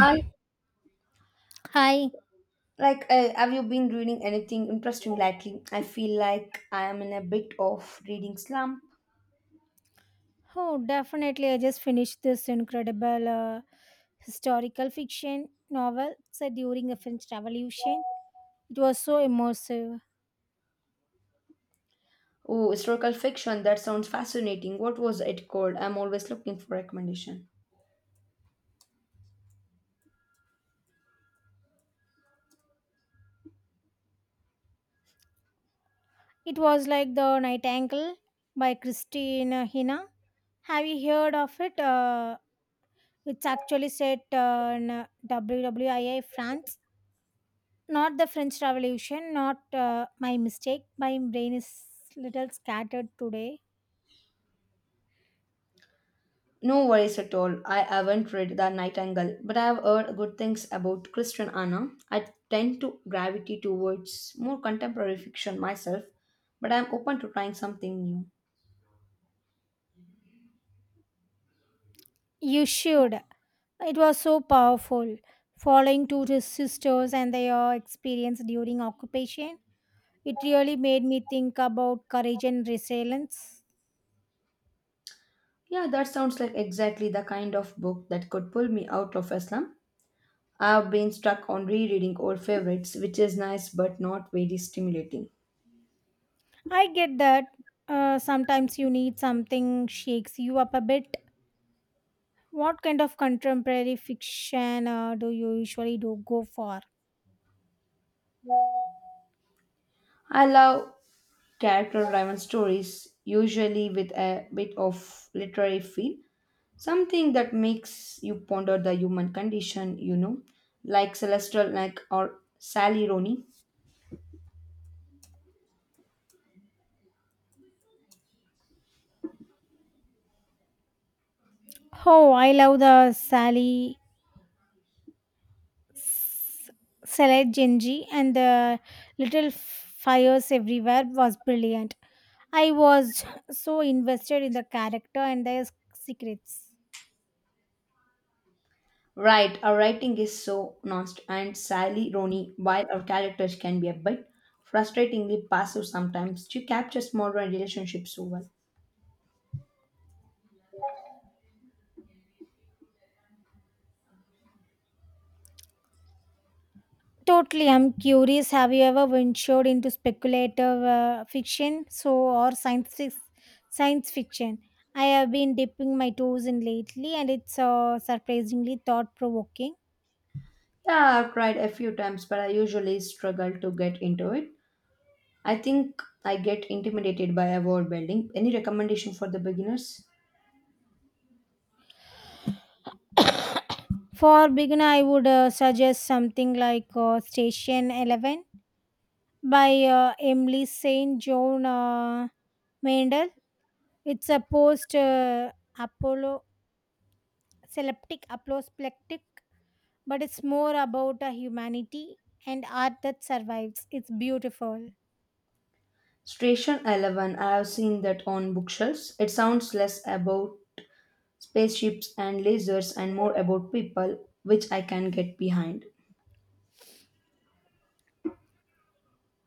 I Hi. like. Have you been reading anything interesting lately? I feel like I am in a bit of reading slump. Oh, definitely. I just finished this incredible historical fiction novel set during the French Revolution. It was so immersive. Oh, historical fiction. That sounds fascinating. What was it called? I'm always looking for recommendation. It was like The Nightingale by Christine Hina. Have you heard of it? It's actually set in France. Not the French Revolution, not my mistake. My brain is little scattered today. No worries at all. I haven't read The Nightingale, but I have heard good things about Christian Anna. I tend to gravitate towards more contemporary fiction myself, but I'm open to trying something new. You should. It was so powerful. Following sisters and their experience during occupation, it really made me think about courage and resilience. Yeah, that sounds like exactly the kind of book that could pull me out of Islam. I've been stuck on rereading old favorites, which is nice but not very stimulating. I get that, sometimes you need something shakes you up a bit. What kind of contemporary fiction do you usually do go for? I love character driven stories, usually with a bit of literary feel, something that makes you ponder the human condition, you know, like Celestial Neck or Sally Rooney. Oh, I love the Sally Salad Genji and the little fires everywhere was brilliant. I was so invested in the character and their secrets. Right, our writing is so nuanced, and Sally Rooney, while our characters can be a bit frustratingly passive sometimes, she captures modern relationships so well. Totally, I'm curious. Have you ever ventured into speculative fiction, science fiction? I have been dipping my toes in lately, and it's surprisingly thought provoking. Yeah, I've tried a few times, but I usually struggle to get into it. I think I get intimidated by a wall building. Any recommendation for the beginners? For beginner, I would suggest something like Station 11 by Emily St. John Mendel. It's a post Apollo seleptic apoplectic, but it's more about a humanity and art that survives. It's beautiful. Station 11, I have seen that on bookshelves. It sounds less about spaceships and lasers and more about people, which I can get behind.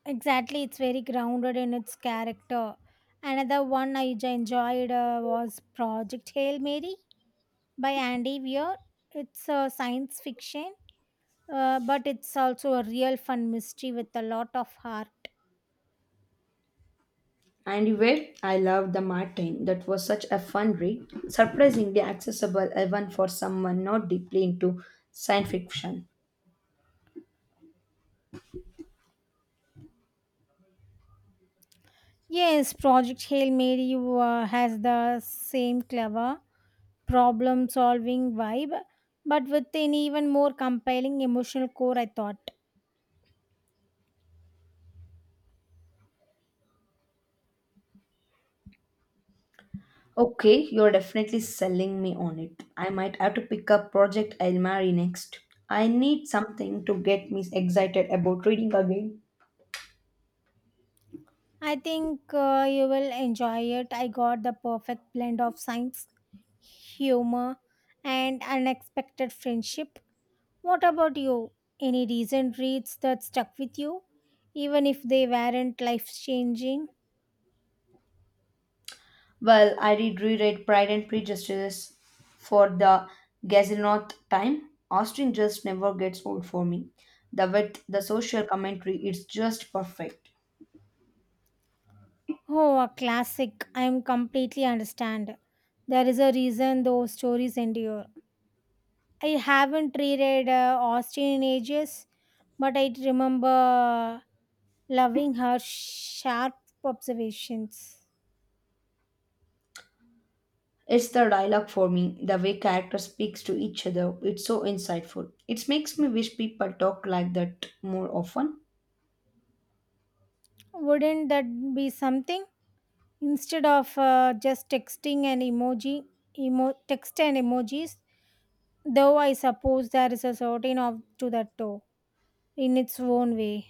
Exactly, it's very grounded in its character. Another one I enjoyed, was Project Hail Mary by Andy Weir. It's a science fiction, but it's also a real fun mystery with a lot of heart. And where I love the Martin, that was such a fun read, surprisingly accessible even for someone not deeply into science fiction. Yes, Project Hail Mary has the same clever problem solving vibe, but with an even more compelling emotional core, I thought. Okay, you're definitely selling me on it. I might have to pick up Project Elmari next. I need something to get me excited about reading again. I think you will enjoy it. I got the perfect blend of science, humor, and unexpected friendship. What about you? Any recent reads that stuck with you, even if they weren't life changing? Well, I did reread Pride and Prejudice for the gazillionth time. Austen just never gets old for me. The wit, the social commentary, it's just perfect. Oh, a classic. I am completely understand. There is a reason those stories endure. I haven't reread Austen in ages, but I remember loving her sharp observations. It's the dialogue for me, the way characters speaks to each other. It's so insightful. It makes me wish people talk like that more often. Wouldn't that be something? Instead of just text and emojis, though I suppose there is a certain of to that too, in its own way.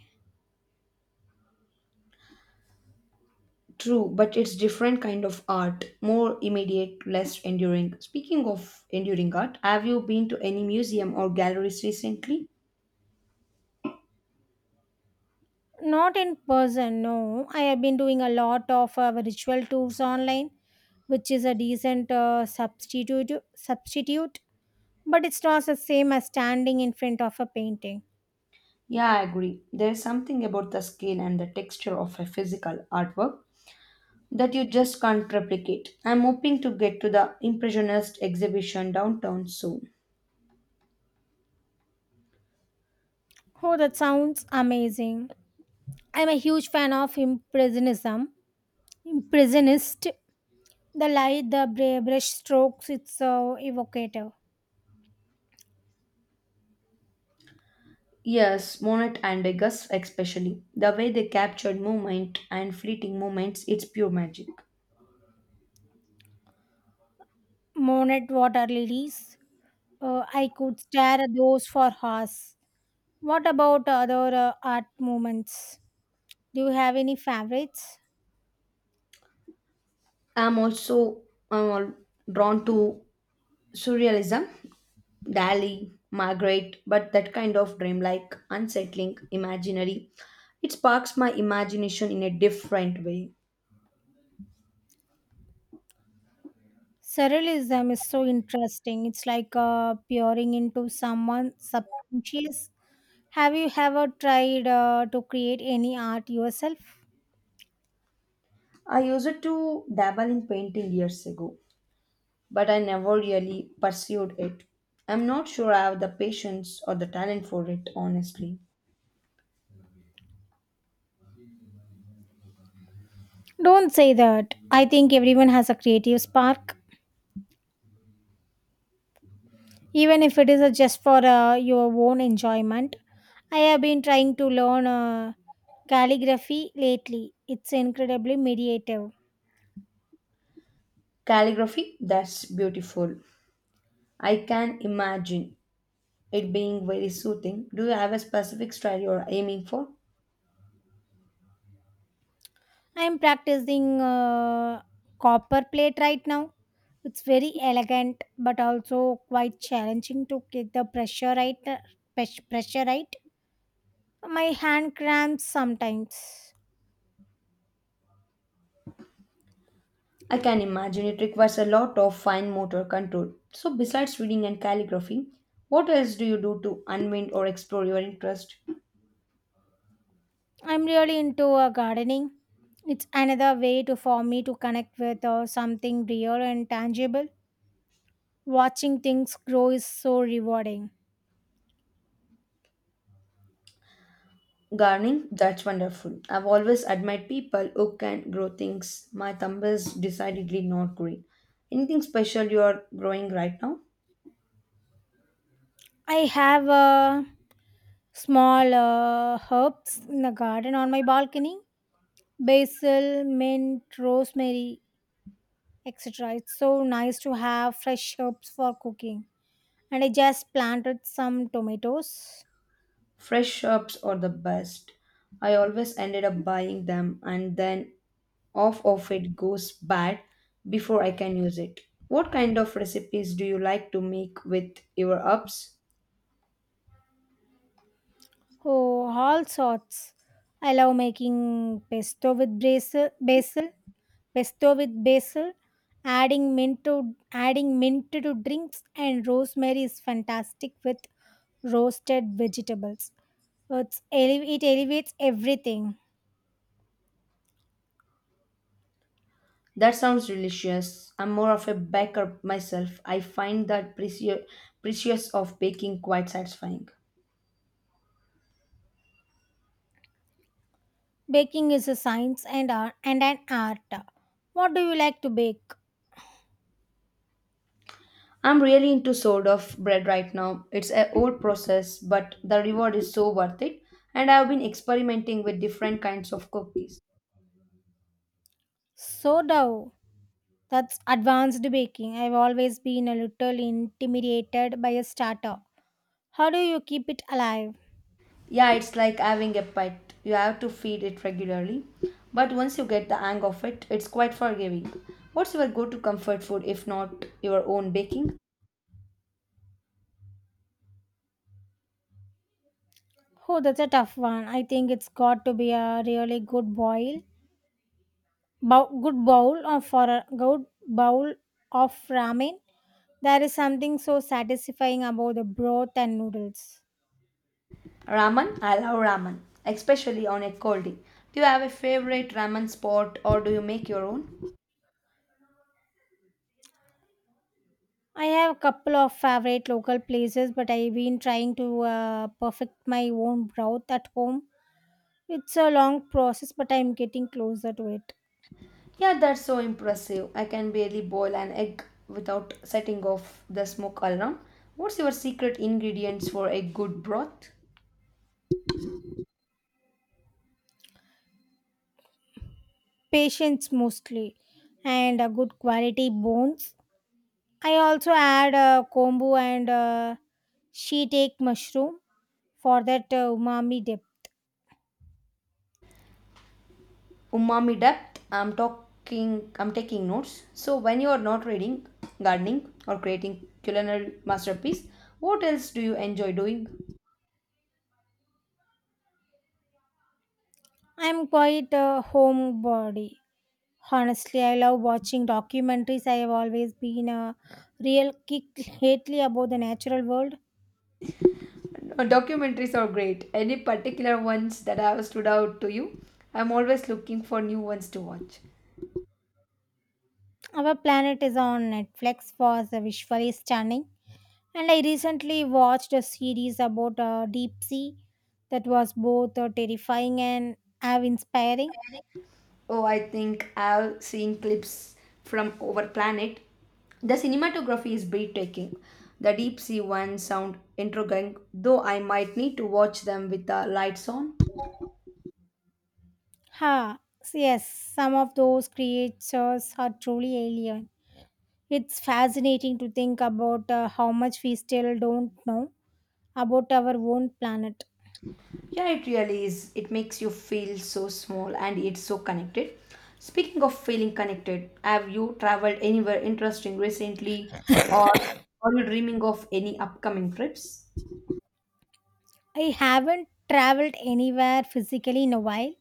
True, but it's different kind of art, more immediate, less enduring. Speaking of enduring art, have you been to any museum or galleries recently? Not in person, no. I have been doing a lot of virtual tours online, which is a decent substitute, but it's not the same as standing in front of a painting. Yeah, I agree. There's something about the scale and the texture of a physical artwork that you just can't replicate. I'm hoping to get to the Impressionist exhibition downtown soon. Oh, that sounds amazing. I'm a huge fan of impressionism. Impressionist. The light, brush strokes, it's so evocative. Yes, Monet and Degas especially. The way they captured movement and fleeting moments, it's pure magic. Monet water lilies. I could stare at those for hours. What about other art movements? Do you have any favorites? I'm also I'm all drawn to Surrealism, Dali, Margaret, but that kind of dreamlike, unsettling, imaginary. It sparks my imagination in a different way. Surrealism is so interesting. It's like peering into someone's subconscious. Have you ever tried to create any art yourself? I used to dabble in painting years ago, but I never really pursued it. I'm not sure I have the patience or the talent for it, honestly. Don't say that. I think everyone has a creative spark, even if it is just for your own enjoyment. I have been trying to learn calligraphy lately. It's incredibly meditative. Calligraphy, that's beautiful. I can imagine it being very soothing. Do you have a specific style you're aiming for? I am practicing copper plate right now. It's very elegant, but also quite challenging to get the pressure right. Pressure right. My hand cramps sometimes. I can imagine it requires a lot of fine motor control. So, besides reading and calligraphy, what else do you do to unwind or explore your interest? I'm really into gardening. It's another way to for me to connect with something real and tangible. Watching things grow is so rewarding. Gardening, that's wonderful. I've always admired people who can grow things. My thumb is decidedly not green. Anything special you are growing right now? I have small herbs in the garden on my balcony, basil, mint, rosemary, etc. It's so nice to have fresh herbs for cooking. And I just planted some tomatoes. Fresh herbs are the best. I always ended up buying them and then off of it goes bad before I can use it. What kind of recipes do you like to make with your herbs? Oh, all sorts. I love making pesto with basil. Adding mint to drinks, and rosemary is fantastic with roasted vegetables. It elevates everything. That sounds delicious. I'm more of a baker myself. I find that precious of baking quite satisfying. Baking is a science and an art. What do you like to bake? I'm really into sort of bread right now. It's a old process, but the reward is so worth it. And I've been experimenting with different kinds of cookies. Sourdough. That's advanced baking. I've always been a little intimidated by a starter. How do you keep it alive? Yeah, it's like having a pet. You have to feed it regularly, but once you get the hang of it, it's quite forgiving. What's your go to comfort food if not your own baking? Oh, that's a tough one. I think it's got to be a really good boil, bow, good bowl of for a good bowl of ramen. There is something so satisfying about the broth and noodles. Ramen. I love ramen, especially on a cold day. Do you have a favorite ramen spot or do you make your own? I have a couple of favorite local places, but I've been trying to perfect my own broth at home. It's a long process, but I'm getting closer to it. Yeah, that's so impressive. I can barely boil an egg without setting off the smoke alarm. What's your secret ingredients for a good broth? Patience mostly, and a good quality bones. I also add kombu and shiitake mushroom for that umami dip. Umami depth. I'm taking notes. So when you are not reading, gardening, or creating culinary masterpiece, what else do you enjoy doing? I'm quite a homebody. Honestly, I love watching documentaries. I have always been a real kick lately about the natural world. Documentaries are great. Any particular ones that have stood out to you? I'm always looking for new ones to watch. Our Planet is on Netflix was visually stunning, and I recently watched a series about deep sea that was both terrifying and awe inspiring. Oh, I think I've seen clips from over planet. The cinematography is breathtaking. The deep sea ones sound intriguing, though I might need to watch them with the lights on. Ha! Yes, some of those creatures are truly alien. It's fascinating to think about how much we still don't know about our own planet. Yeah, it really is. It makes you feel so small and it's so connected. Speaking of feeling connected, have you traveled anywhere interesting recently, or are you dreaming of any upcoming trips? I haven't traveled anywhere physically in a while,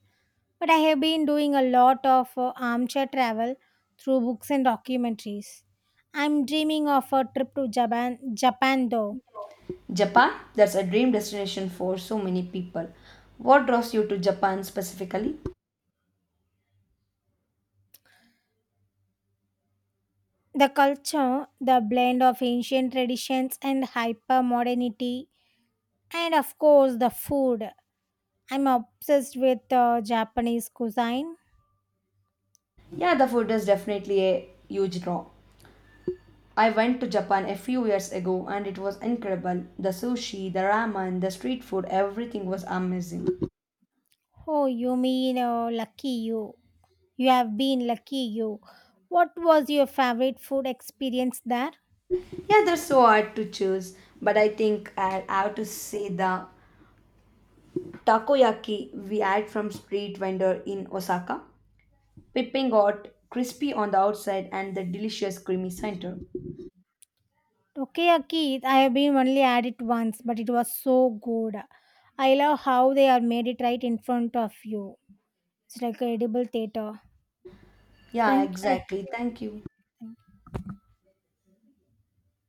but I have been doing a lot of armchair travel through books and documentaries. I'm dreaming of a trip to Japan though. Japan, that's a dream destination for so many people. What draws you to Japan specifically? The culture, the blend of ancient traditions and hyper modernity, and of course the food. I'm obsessed with Japanese cuisine. Yeah, the food is definitely a huge draw. I went to Japan a few years ago and it was incredible. The sushi, the ramen, the street food, everything was amazing. Oh, you mean lucky you. What was your favorite food experience there? Yeah, they're so hard to choose, but I think I have to say the takoyaki we had from street vendor in Osaka. Pipping hot, crispy on the outside and the delicious creamy center. Takoyaki, I have been only had it once, but it was so good. I love how they are made it right in front of you. It's like a edible theater. Yeah, Thank you. exactly. Thank you.